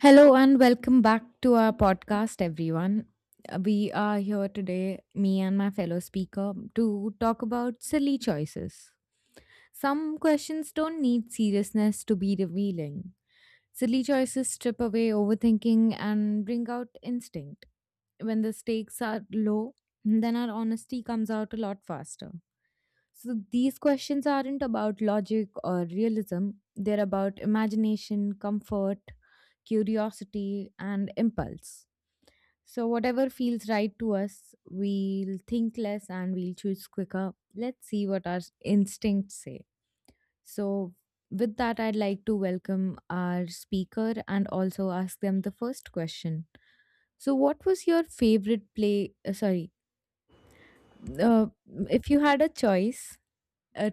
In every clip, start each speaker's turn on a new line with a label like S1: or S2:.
S1: Hello and welcome back to our podcast, everyone. We are here today, me and my fellow speaker, to talk about silly choices. Some questions don't need seriousness to be revealing. Silly choices strip away overthinking and bring out instinct. When the stakes are low, then our honesty comes out a lot faster. So these questions aren't about logic or realism, they're about imagination, comfort, curiosity, and impulse. So, whatever feels right to us, we'll think less and we'll choose quicker. Let's see what our instincts say. So, with that, I'd like to welcome our speaker and also ask them the first question. So, what was your favorite uh, if you had a choice, Uh,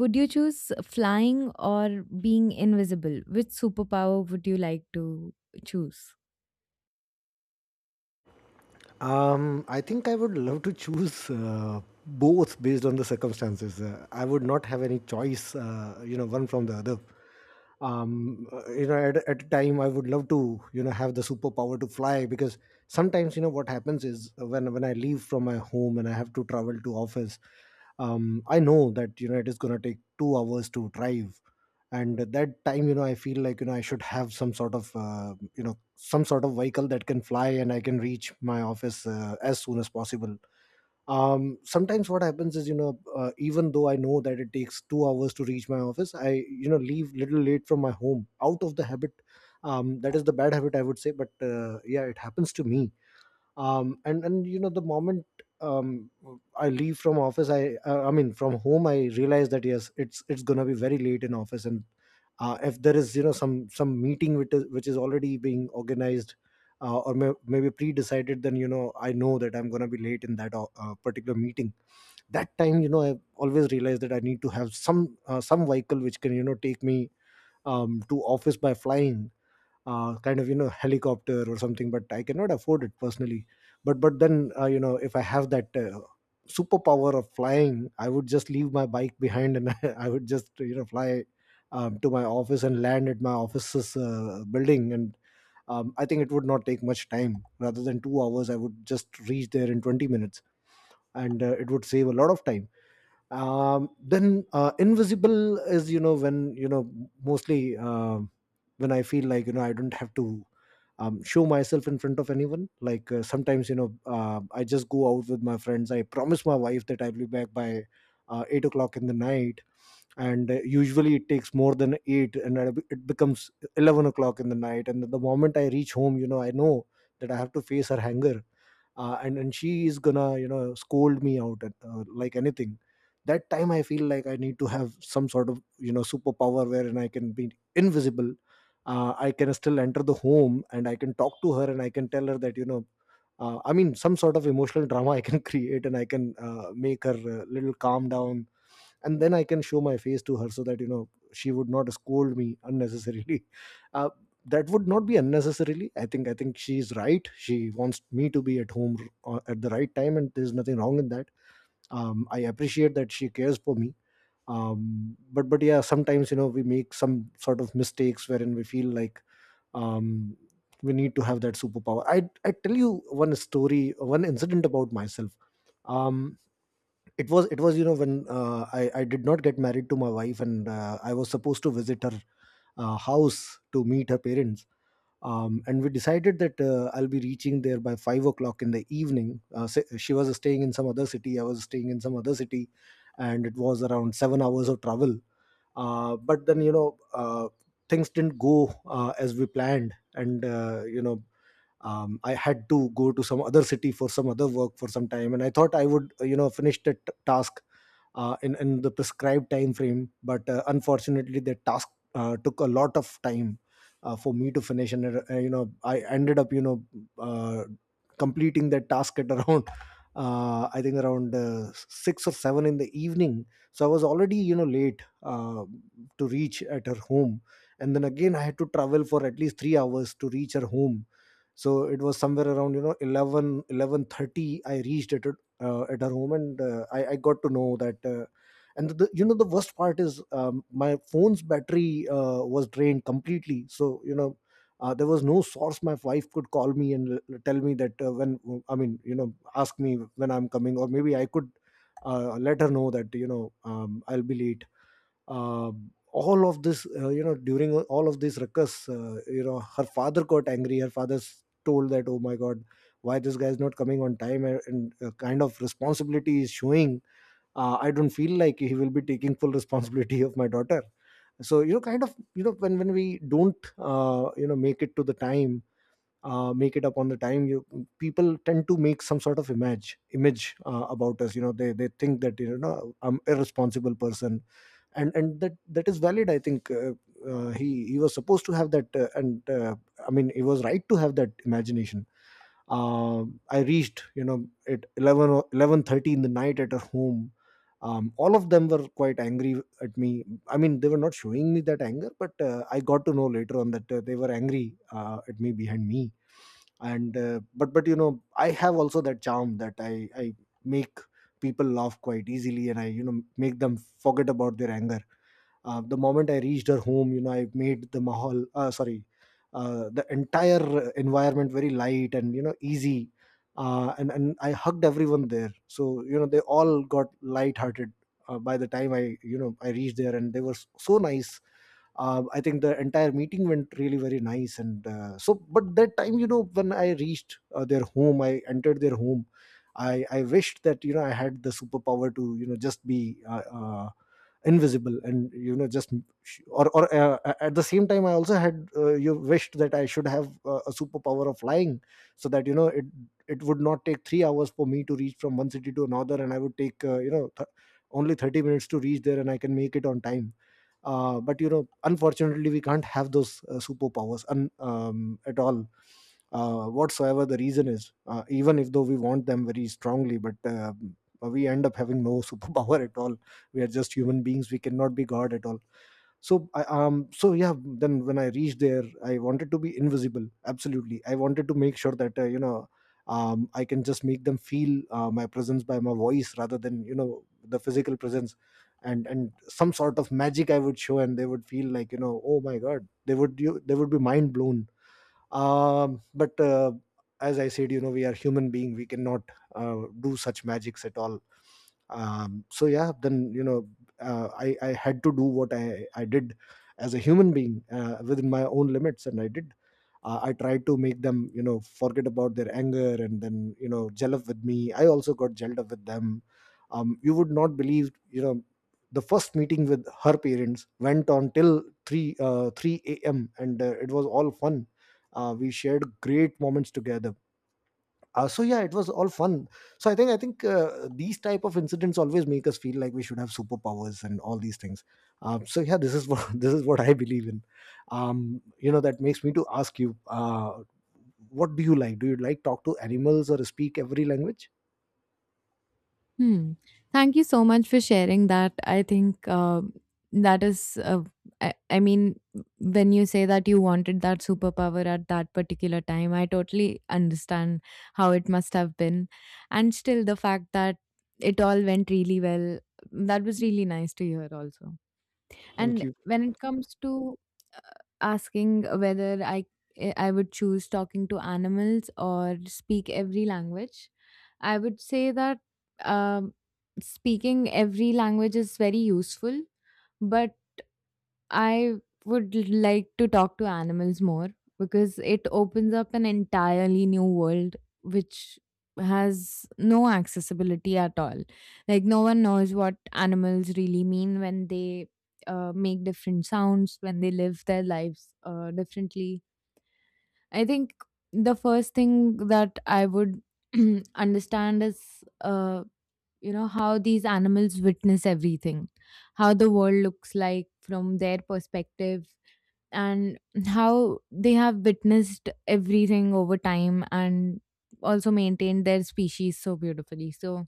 S1: would you choose flying or being invisible? Which superpower would you like to choose?
S2: I think I would love to choose both based on the circumstances. I would not have any choice, one from the other. At a time, I would love to have the superpower to fly, because sometimes, you know, what happens is, when I leave from my home and I have to travel to office. I know that, you know, it is going to take 2 hours to drive. And at that time, you know, I feel like, you know, I should have some sort of you know some sort of vehicle that can fly, and I can reach my office as soon as possible. Sometimes what happens is, you know, even though I know that it takes 2 hours to reach my office, I, you know, leave little late from my home out of the habit. That is the bad habit, I would say, but yeah, it happens to me. And, you know, the moment, um I leave from office, I I mean, from home, I realize that yes, it's going to be very late in office. And if there is, you know, some meeting which is already being organized, or maybe pre-decided, then you know, I know that I'm going to be late in that particular meeting. That time, you know, I always realize that I need to have some vehicle which can, you know, take me to office by flying, kind of, you know, helicopter or something. But I cannot afford it personally. But then, you know, if I have that superpower of flying, I would just leave my bike behind and I would just, you know, fly to my office and land at my office's building. And I think it would not take much time. Rather than 2 hours, I would just reach there in 20 minutes, and it would save a lot of time. Then, invisible is, you know, when you know, mostly, when I feel like, you know, I don't have to show myself in front of anyone. Like, sometimes, you know, I just go out with my friends. I promise my wife that I'll be back by 8 o'clock in the night, and usually it takes more than 8, and it becomes 11 o'clock in the night. And the moment I reach home, you know, I know that I have to face her anger. And she is gonna, you know, scold me out, like anything. That time I feel like I need to have some sort of, you know, superpower wherein I can be invisible. I can still enter the home and I can talk to her and I can tell her that, you know, I mean, some sort of emotional drama I can create, and I can make her a little calm down. And then I can show my face to her so that, you know, she would not scold me unnecessarily. uh, that would not be unnecessarily. I think she's right. She wants me to be at home at the right time, and there's nothing wrong in that. I appreciate that she cares for me. But yeah, sometimes, you know, we make some sort of mistakes wherein we feel like um, we need to have that superpower. I tell you one story, one incident, about myself. Um it was it was, you know, when I did not get married to my wife, and I was supposed to visit her house to meet her parents. And we decided that I'll be reaching there by 5 o'clock in the evening. She was staying in some other city. I was staying in some other city, and it was around 7 hours of travel. But then, you know, things didn't go as we planned, and I had to go to some other city for some other work for some time, and I thought I would finish that task in the prescribed time frame. But unfortunately, that task took a lot of time for me to finish. And I ended up, you know, uh, completing that task at around, I think around 6 or 7 in the evening. So I was already, you know, late to reach at her home. And then again, I had to travel for at least 3 hours to reach her home. So it was somewhere around, you know, 11, 11:30. I reached at her home, and I got to know that. And, you know, the worst part is, my phone's battery was drained completely, so you know, there was no source my wife could call me and tell me that, when I mean, you know, ask me when I'm coming, or maybe I could let her know that, you know, I'll be late. All of this you know During all of this ruckus, her father got angry. Her father told that, oh my god, why this guy is not coming on time, and kind of responsibility is showing. I don't feel like he will be taking full responsibility of my daughter. So you know, kind of, you know, when we don't make it up on the time. You people tend to make some sort of image about us. You know, they think that, you know, I'm irresponsible person. And that is valid, I think. He was supposed to have that, and I mean, he was right to have that imagination. uh, I reached, you know, at 11 or 11:30 in the night at her home. All of them were quite angry at me. I mean, they were not showing me that anger, but I got to know later on that they were angry at me behind me. And but you know, I have also that charm that I make people laugh quite easily, and I, you know, make them forget about their anger. The moment I reached her home, you know, I made the mahal sorry the entire environment very light and, you know, easy. And I hugged everyone there, so you know, they all got light hearted by the time I, you know, I reached there, and they were so nice. I think the entire meeting went really very nice, and so. But that time, you know, when I reached their home, I entered their home. I wished that, you know, I had the superpower to, you know, just be invisible and, you know, just, or at the same time I also had, you wished that I should have a superpower of flying, so that, you know, it would not take 3 hours for me to reach from one city to another, and I would take only 30 minutes to reach there, and I can make it on time. But you know, unfortunately, we can't have those superpowers at all, whatsoever the reason is, even if though we want them very strongly, but we end up having no superpower at all. We are just human beings. We cannot be god at all. So yeah, then when I reached there, I wanted to be invisible absolutely. I wanted to make sure that, I can just make them feel, my presence by my voice rather than, you know, the physical presence, and some sort of magic I would show, and they would feel like, you know, oh my god, they would be mind blown. But as I said, you know, we are human being. We cannot do such magics at all. So yeah, then you know, I had to do what I did as a human being, within my own limits, and I did. I tried to make them, you know, forget about their anger, and then, you know, gel up with me. I also got gelled up with them. You would not believe, you know, the first meeting with her parents went on till 3 3 a.m. And it was all fun. We shared great moments together. So yeah, it was all fun. So I think these type of incidents always make us feel like we should have superpowers and all these things. So yeah, this is what this is what I believe in. um, you know, that makes me to ask you, what do you like? Do you like talk to animals or speak every language?
S1: Hmm. Thank you so much for sharing that. I think that is, uh, I mean, when you say that you wanted that superpower at that particular time, I totally understand how it must have been. And still, the fact that it all went really well, that was really nice to hear, also.
S2: Thank
S1: And
S2: you.
S1: when it comes to uh, asking whether I would choose talking to animals or speak every language, I would say that um, speaking every language is very useful, but I would like to talk to animals more because it opens up an entirely new world which has no accessibility at all. Like, no one knows what animals really mean when they make different sounds, when they live their lives differently. I think the first thing that I would understand is uh, you know how these animals witness everything, how the world looks like from their perspective, and how they have witnessed everything over time and also maintained their species so beautifully. So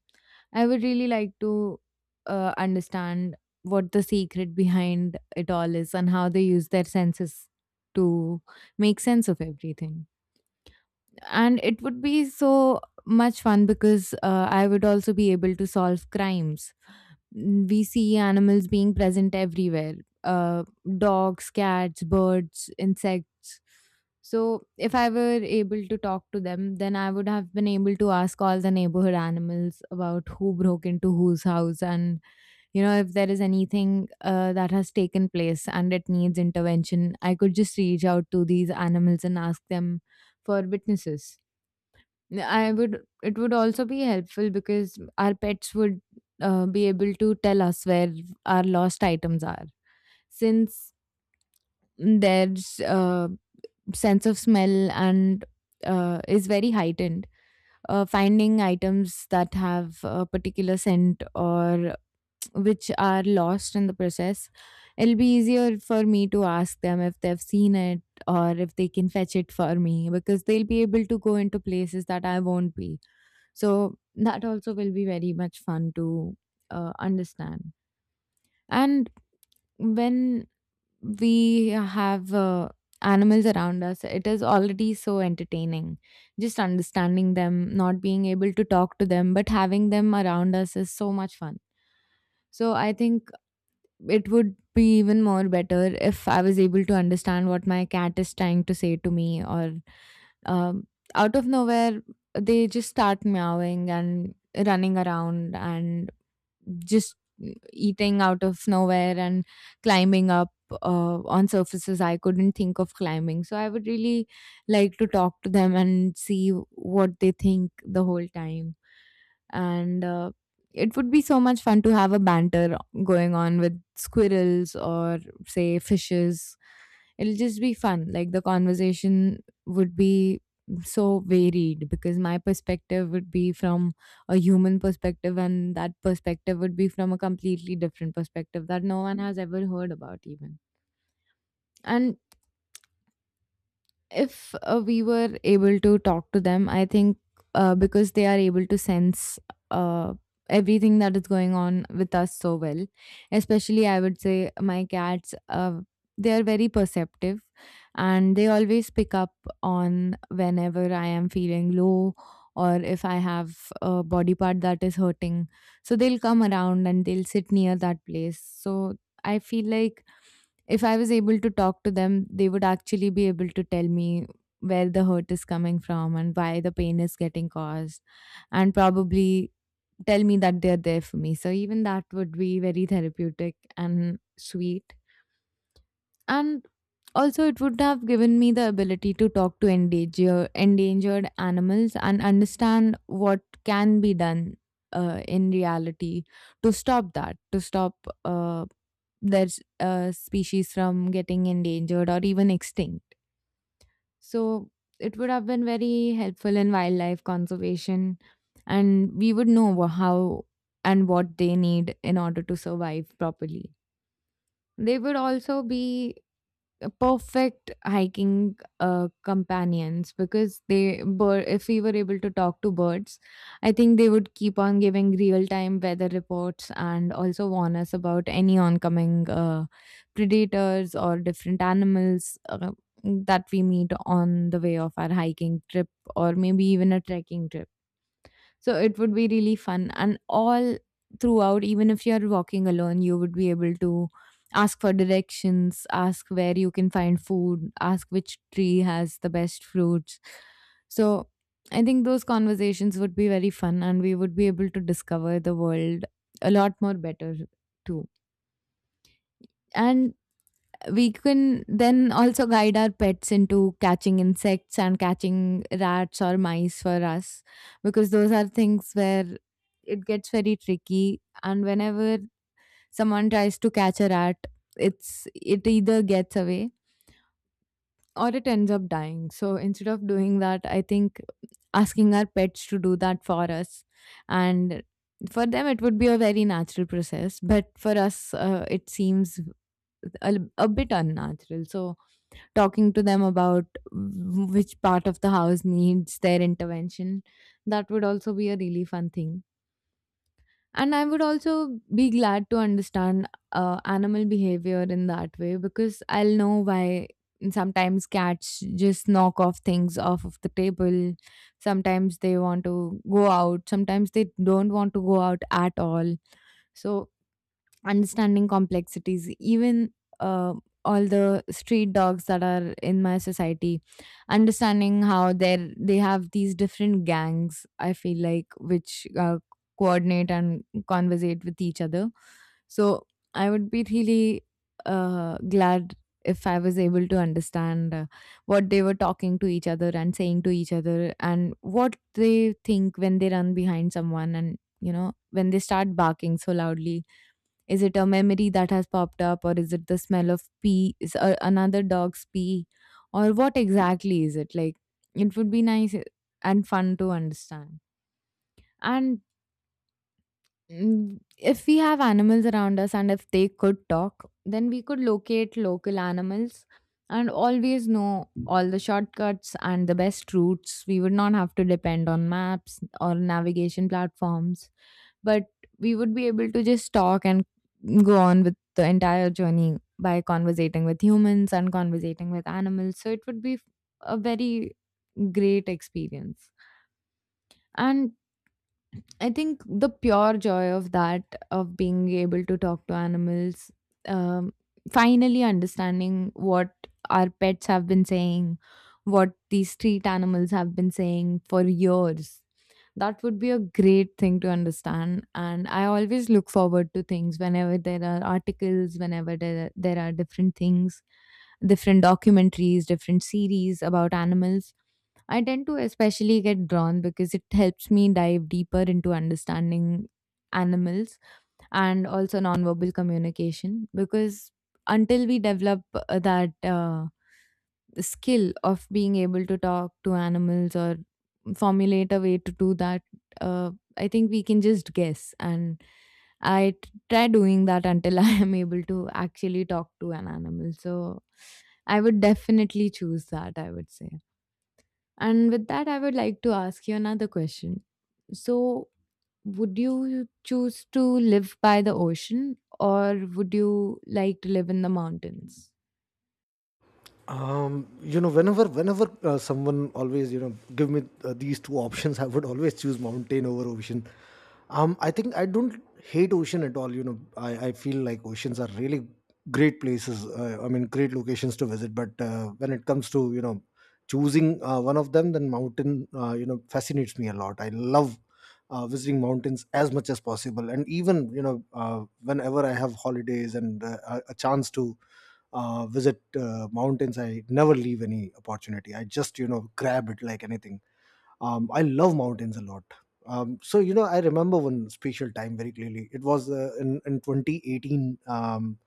S1: I would really like to understand what the secret behind it all is and how they use their senses to make sense of everything, and it would be so much fun because I would also be able to solve crimes. Mm, we see animals being present everywhere, uh, dogs, cats, birds, insects. So, if I were able to talk to them, then I would have been able to ask all the neighborhood animals about who broke into whose house, and, you know, if there is anything that has taken place and it needs intervention, I could just reach out to these animals and ask them for witnesses. I would it would also be helpful because our pets would be able to tell us where our lost items are, since their uh, sense of smell and is very heightened. Uh, Finding items that have a particular scent or which are lost in the process, it'll be easier for me to ask them if they've seen it, or if they can fetch it for me, because they'll be able to go into places that I won't be. So that also will be very much fun to understand. And when we have animals around us, it is already so entertaining. Just understanding them, not being able to talk to them, but having them around us is so much fun. So I think it would be even more better if I was able to understand what my cat is trying to say to me, or um, out of nowhere, they just start meowing and running around, and just eating out of nowhere and climbing up on surfaces I couldn't think of climbing. So I would really like to talk to them and see what they think the whole time. And it would be so much fun to have a banter going on with squirrels or, say, fishes. It'll just be fun. Like, the conversation would be so varied because my perspective would be from a human perspective and that perspective would be from a completely different perspective that no one has ever heard about even. And if we were able to talk to them, I think because they are able to sense uh, everything that is going on with us so well, especially I would say my cats, they are very perceptive and they always pick up on whenever I am feeling low or if I have a body part that is hurting. So they'll come around and they'll sit near that place. So I feel like if I was able to talk to them, they would actually be able to tell me where the hurt is coming from and why the pain is getting caused, and probably tell me that they're there for me. So, even that would be very therapeutic and sweet, and also it would have given me the ability to talk to endangered animals and understand what can be done in reality to stop that to stop their species from getting endangered or even extinct. So it would have been very helpful in wildlife conservation, and we would know how and what they need in order to survive properly. They would also be perfect hiking companions, because they if we were able to talk to birds, I think they would keep on giving real time weather reports and also warn us about any oncoming predators or different animals that we meet on the way of our hiking trip or maybe even a trekking trip. So it would be really fun. And all throughout, even if you're walking alone, you would be able to ask for directions, ask where you can find food, ask which tree has the best fruits. So I think those conversations would be very fun and we would be able to discover the world a lot more better, too. And we can then also guide our pets into catching insects and catching rats or mice for us, because those are things where it gets very tricky, and whenever someone tries to catch a rat, it's it either gets away or it ends up dying. So instead of doing that, I think asking our pets to do that for us, and for them it would be a very natural process, but for us it seems a bit unnatural. So talking to them about which part of the house needs their intervention, that would also be a really fun thing. And I would also be glad to understand animal behavior in that way, because I'll know why sometimes cats just knock off things off of the table. Sometimes they want to go out. Sometimes they don't want to go out at all. So, understanding complexities, even uh, all the street dogs that are in my society, understanding how they have these different gangs, I feel like, which coordinate and conversate with each other. So I would be really glad if I was able to understand what they were talking to each other and saying to each other, and what they think when they run behind someone, and you know, when they start barking so loudly, is it a memory that has popped up, or is it the smell of pee, is another dog's pee, or what exactly is it? Like, it would be nice and fun to understand. And, mm, if we have animals around us and if they could talk, then we could locate local animals and always know all the shortcuts and the best routes. We would not have to depend on maps or navigation platforms, but we would be able to just talk and go on with the entire journey by conversating with humans and conversating with animals. So it would be a very great experience. And I think the pure joy of that, of being able to talk to animals, um, finally understanding what our pets have been saying, what these street animals have been saying for years. That would be a great thing to understand. And I always look forward to things whenever there are articles, whenever there are different things, different documentaries, different series about animals. I tend to especially get drawn because it helps me dive deeper into understanding animals, and also nonverbal communication. Because until we develop that skill of being able to talk to animals or formulate a way to do that, uh, I think we can just guess. And I try doing that until I am able to actually talk to an animal. So I would definitely choose that, I would say. And with that, I would like to ask you another question. So, would you choose to live by the ocean or would you like to live in the mountains?
S2: You know, whenever someone always, you know, give me these two options, I would always choose mountain over ocean. I think I don't hate ocean at all. You know, I feel like oceans are really great places, I mean great locations to visit. But when it comes to, you know, choosing one of them, then mountain, you know, fascinates me a lot. I love visiting mountains as much as possible. And even, you know, whenever I have holidays and a chance to visit mountains, I never leave any opportunity. I just, you know, grab it like anything. I love mountains a lot. So you know, I remember one special time very clearly. It was in 2018.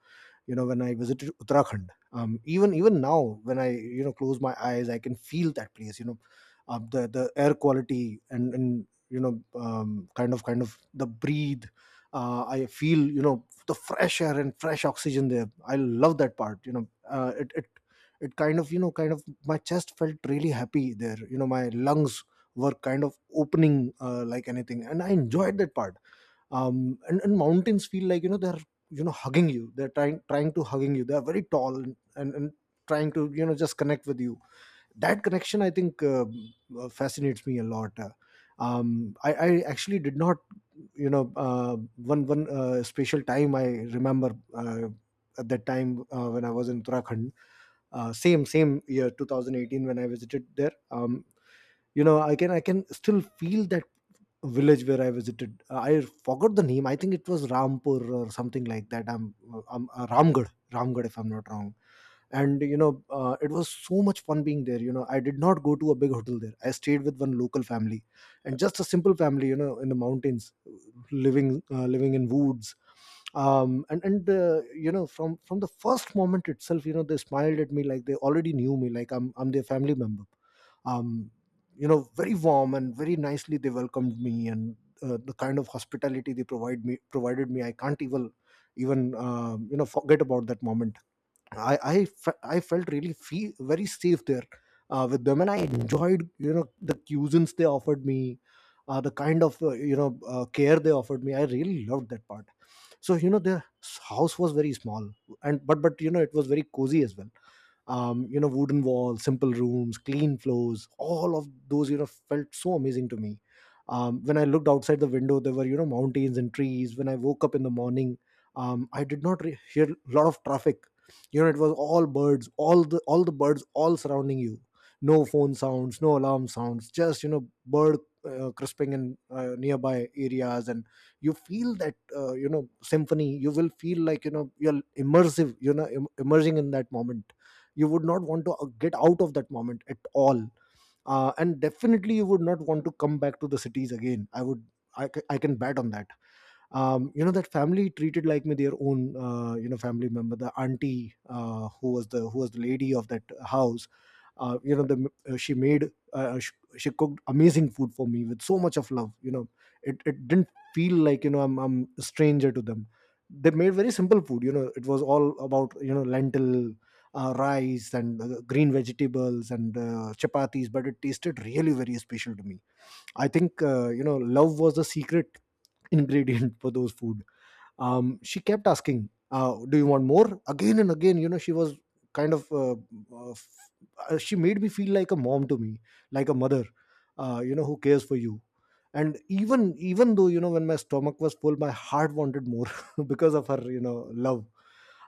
S2: You know, when I visited Uttarakhand, even now, when I, you know, close my eyes, I can feel that place, you know. The air quality and, you know, kind of the breathe, I feel, you know, the fresh air and fresh oxygen there. I love that part, you know. It it kind of, you know, kind of my chest felt really happy there, you know. My lungs were kind of opening like anything, and I enjoyed that part. And mountains feel like, you know, they're, you know, hugging you. They're trying to hugging you. They're very tall, and trying to, you know, just connect with you. That connection, I think, fascinates me a lot. I actually did not, you know, one one special time I remember, at that time, when I was in Uttarakhand, same year 2018, when I visited there. You know, I can still feel that village where I visited. I forgot the name. I think it was Rampur or something like that. I'm Ramgad, Ramgad, if I'm not wrong. And you know, it was so much fun being there. You know, I did not go to a big hotel there. I stayed with one local family, and just a simple family, you know, in the mountains, living in woods. And you know, from the first moment itself, you know, they smiled at me like they already knew me, like I'm their family member. um you know, very warm and very nicely they welcomed me. And the kind of hospitality they provided me, I can't even even, you know, forget about that moment. I felt really feel very safe there with them, and I enjoyed, you know, the cuisines they offered me, the kind of, you know, care they offered me. I really loved that part. So you know, their house was very small, and but, you know, it was very cozy as well. You know, wooden walls, simple rooms, clean floors, all of those, you know, felt so amazing to me. When I looked outside the window, there were, you know, mountains and trees. When I woke up in the morning, I did not re- hear a lot of traffic. You know, it was all birds, all the birds, all surrounding you. No phone sounds, no alarm sounds, just, you know, bird crisping in nearby areas. And you feel that, you know, symphony. You will feel like, you know, you're immersive, you know, im- immersing in that moment. You would not want to get out of that moment at all. And definitely you would not want to come back to the cities again. I would I, ca- I can bet on that. You know, that family treated like me their own, you know, family member. The auntie, who was the lady of that house, you know, the she made she cooked amazing food for me with so much of love, you know. It didn't feel like, you know, I'm a stranger to them. They made very simple food. You know, it was all about, you know, lentil, rice, and green vegetables, and chapatis, but it tasted really very special to me. I think, you know, love was the secret ingredient for those food. She kept asking, do you want more, again and again. You know, she was kind of, uh, f- she made me feel like a mom to me, like a mother, you know, who cares for you. And even though, you know, when my stomach was full, my heart wanted more because of her, you know, love.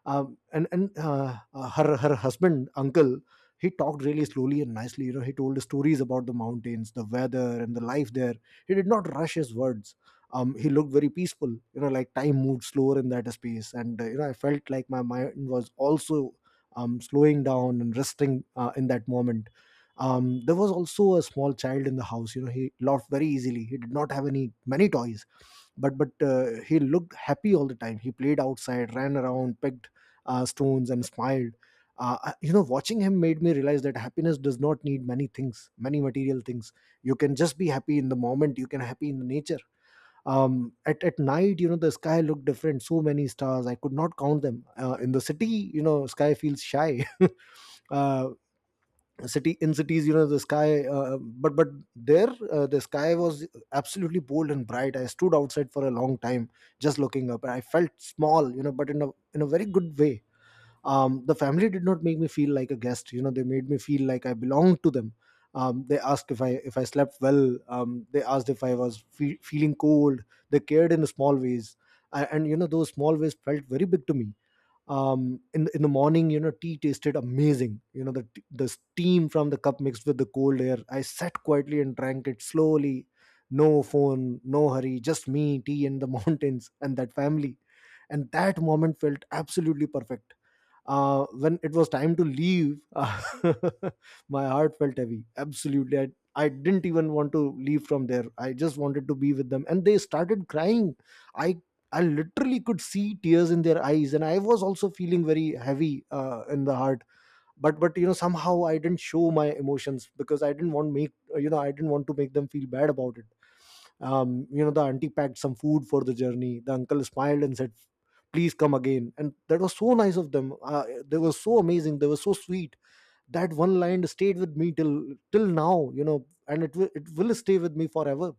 S2: Um, and and uh, uh, her her husband uncle, he talked really slowly and nicely. You know, he told stories about the mountains, the weather, and the life there. He did not rush his words. He looked very peaceful. You know, like time moved slower in that space, and you know, I felt like my mind was also, slowing down and resting in that moment. There was also a small child in the house. You know, he laughed very easily. He did not have any many toys, but, he looked happy all the time. He played outside, ran around, picked stones, and smiled. You know, watching him made me realize that happiness does not need many things, many material things. You can just be happy in the moment. You can happy in the nature. At night, you know, the sky looked different. So many stars, I could not count them. In the city, you know, sky feels shy. uh city in cities, you know, the sky, but there, the sky was absolutely bold and bright. I stood outside for a long time just looking up, and I felt small, you know, but in a very good way. The family did not make me feel like a guest. You know, they made me feel like I belonged to them. They asked if I slept well. They asked if I was fe- feeling cold. They cared in small ways. And you know, those small ways felt very big to me. In the morning, you know, tea tasted amazing. You know, the t- the steam from the cup mixed with the cold air. I sat quietly and drank it slowly. No phone, no hurry, just me, tea, and the mountains, and that family. And that moment felt absolutely perfect. When it was time to leave, my heart felt heavy. Absolutely. I didn't even want to leave from there. I just wanted to be with them. And they started crying. I I literally could see tears in their eyes, and I was also feeling very heavy in the heart. But, you know, somehow I didn't show my emotions, because I didn't want make, you know, I didn't want to make them feel bad about it. You know, the auntie packed some food for the journey. The uncle smiled and said, please come again. And that was so nice of them. They were so amazing, they were so sweet. That one line stayed with me till now, you know, and it will stay with me forever.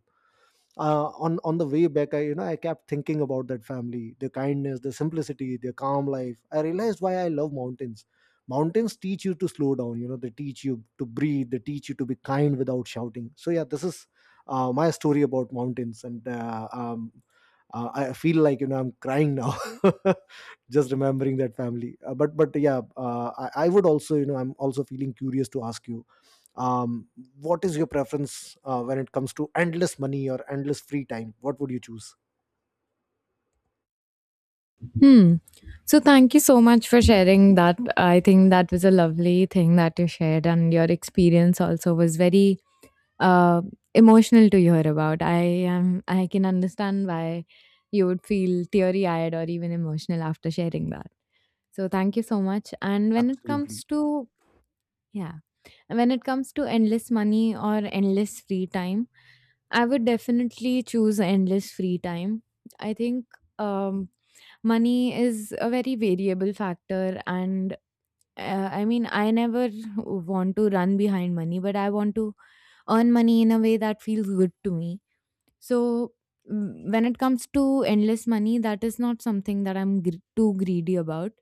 S2: On the way back, I you know, I kept thinking about that family, their kindness, their simplicity, their calm life. I realized why I love mountains. Mountains teach you to slow down. You know, they teach you to breathe. They teach you to be kind without shouting. So yeah, this is my story about mountains. And I feel like, you know, I'm crying now just remembering that family. But, yeah, I would also, you know, I'm also feeling curious to ask you, um, what is your preference when it comes to endless money or endless free time? What would you choose?
S1: Hmm. So, thank you so much for sharing that. I think that was a lovely thing that you shared, and your experience also was very uh, emotional to hear about. I am. I can understand why you would feel teary-eyed or even emotional after sharing that. So, thank you so much. And when it
S2: Absolutely.
S1: comes to Yeah. And when it comes to endless money or endless free time, I would definitely choose endless free time. I think um, money is a very variable factor. And I mean, I never want to run behind money, but I want to earn money in a way that feels good to me, so when it comes to endless money, that is not something that I'm too greedy about.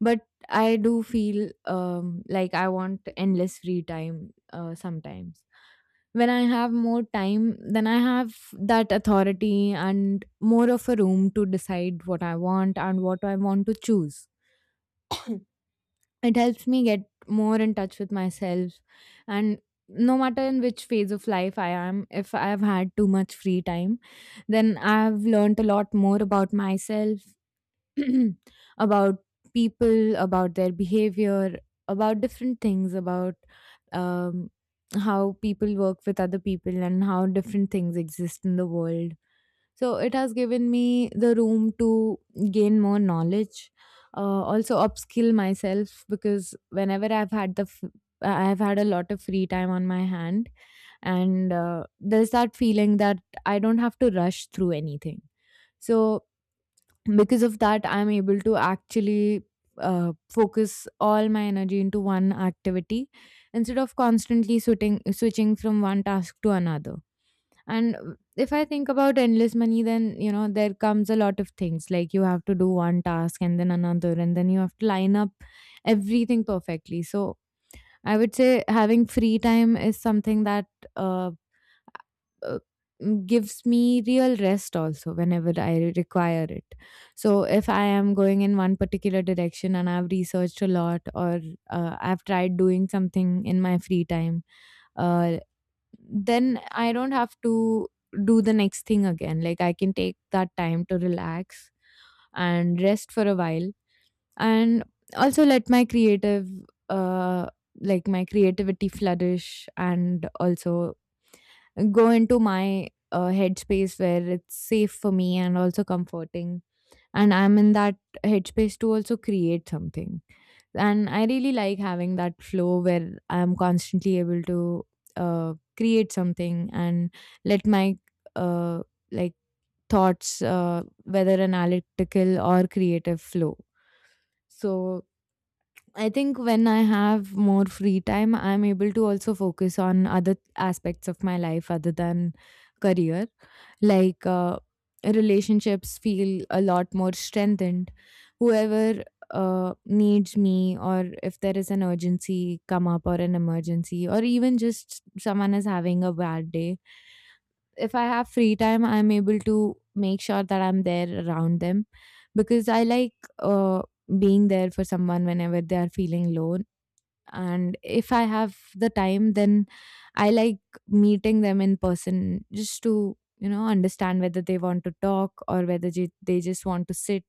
S1: But I do feel like I want endless free time sometimes. When I have more time, then I have that authority and more of a room to decide what I want and what I want to choose. It helps me get more in touch with myself, and no matter in which phase of life I am, if I have had too much free time, then I have learned a lot more about myself, about people, about their behavior, about different things, about um, how people work with other people and how different things exist in the world. So it has given me the room to gain more knowledge, also upskill myself, because whenever I've had the I've had a lot of free time on my hand, and there's that feeling that I don't have to rush through anything. So because of that, I'm able to actually focus all my energy into one activity instead of constantly switching from one task to another. And if I think about endless money, then you know there comes a lot of things, like you have to do one task and then another, and then you have to line up everything perfectly. So I would say having free time is something that uh, uh, gives me real rest also whenever I require it. So if I am going in one particular direction and I've researched a lot, or I've tried doing something in my free time, uh, then I don't have to do the next thing again. Like, I can take that time to relax and rest for a while, and also let my creative uh like my creativity flourish, and also go into my headspace where it's safe for me and also comforting, and I'm in that headspace to also create something. And I really like having that flow where I'm constantly able to create something, and let my uh, like thoughts, whether analytical or creative, flow. So I think when I have more free time, I'm able to also focus on other aspects of my life other than career, like relationships feel a lot more strengthened. Whoever needs me, or if there is an urgency come up or an emergency, or even just someone is having a bad day, if I have free time, I'm able to make sure that I'm there around them, because I like uh, being there for someone whenever they are feeling low. And if I have the time, then I like meeting them in person just to understand whether they want to talk or whether they just want to sit,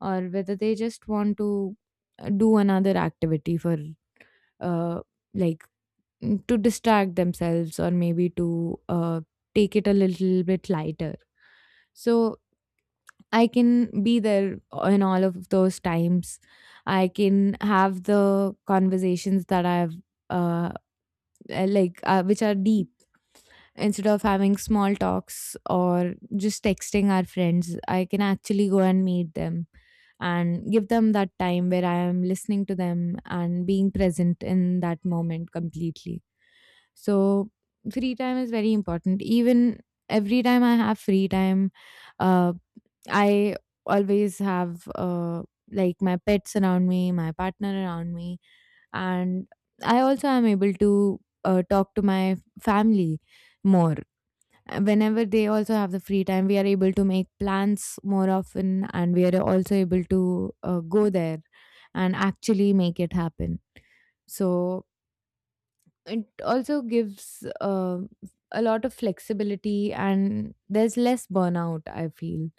S1: or whether they just want to do another activity for uh like to distract themselves, or maybe to take it a little bit lighter. So I can be there in all of those times. I can have the conversations that I've uh, which are deep, instead of having small talks or just texting our friends. I can actually go and meet them and give them that time where I am listening to them and being present in that moment completely. So free time is very important. Even every time I have free time, uh, I always have like my pets around me, my partner around me. And I also am able to talk to my family more. Whenever they also have the free time, we are able to make plans more often, and we are also able to go there and actually make it happen. So it also gives a lot of flexibility, and there's less burnout. I feel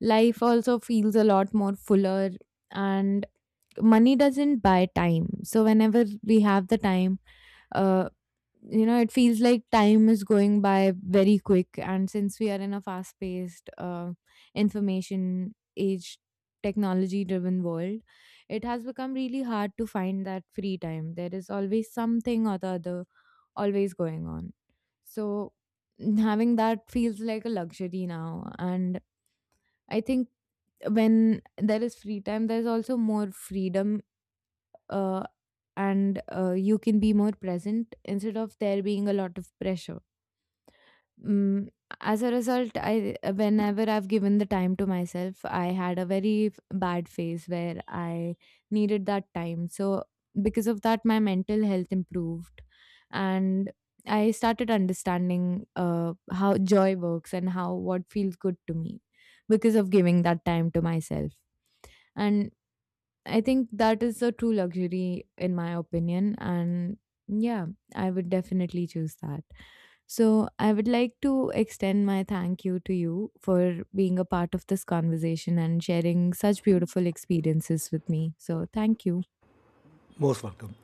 S1: life also feels a lot more fuller, and money doesn't buy time. So whenever we have the time, uh, you know it feels like time is going by very quick, and since we are in a fast paced information age, technology driven world, it has become really hard to find that free time. There is always something or the other always going on. So having that feels like a luxury now. And I think when there is free time, there's also more freedom, uh, and you can be more present instead of there being a lot of pressure. Mm, as a result, I whenever I've given the time to myself, I had a very bad phase where I needed that time. So because of that, my mental health improved, and I started understanding how joy works and how what feels good to me because of giving that time to myself. And I think that is a true luxury, in my opinion. And yeah, I would definitely choose that. So, I would like to extend my thank you to you for being a part of this conversation and sharing such beautiful experiences with me. So, thank you.
S2: Most welcome.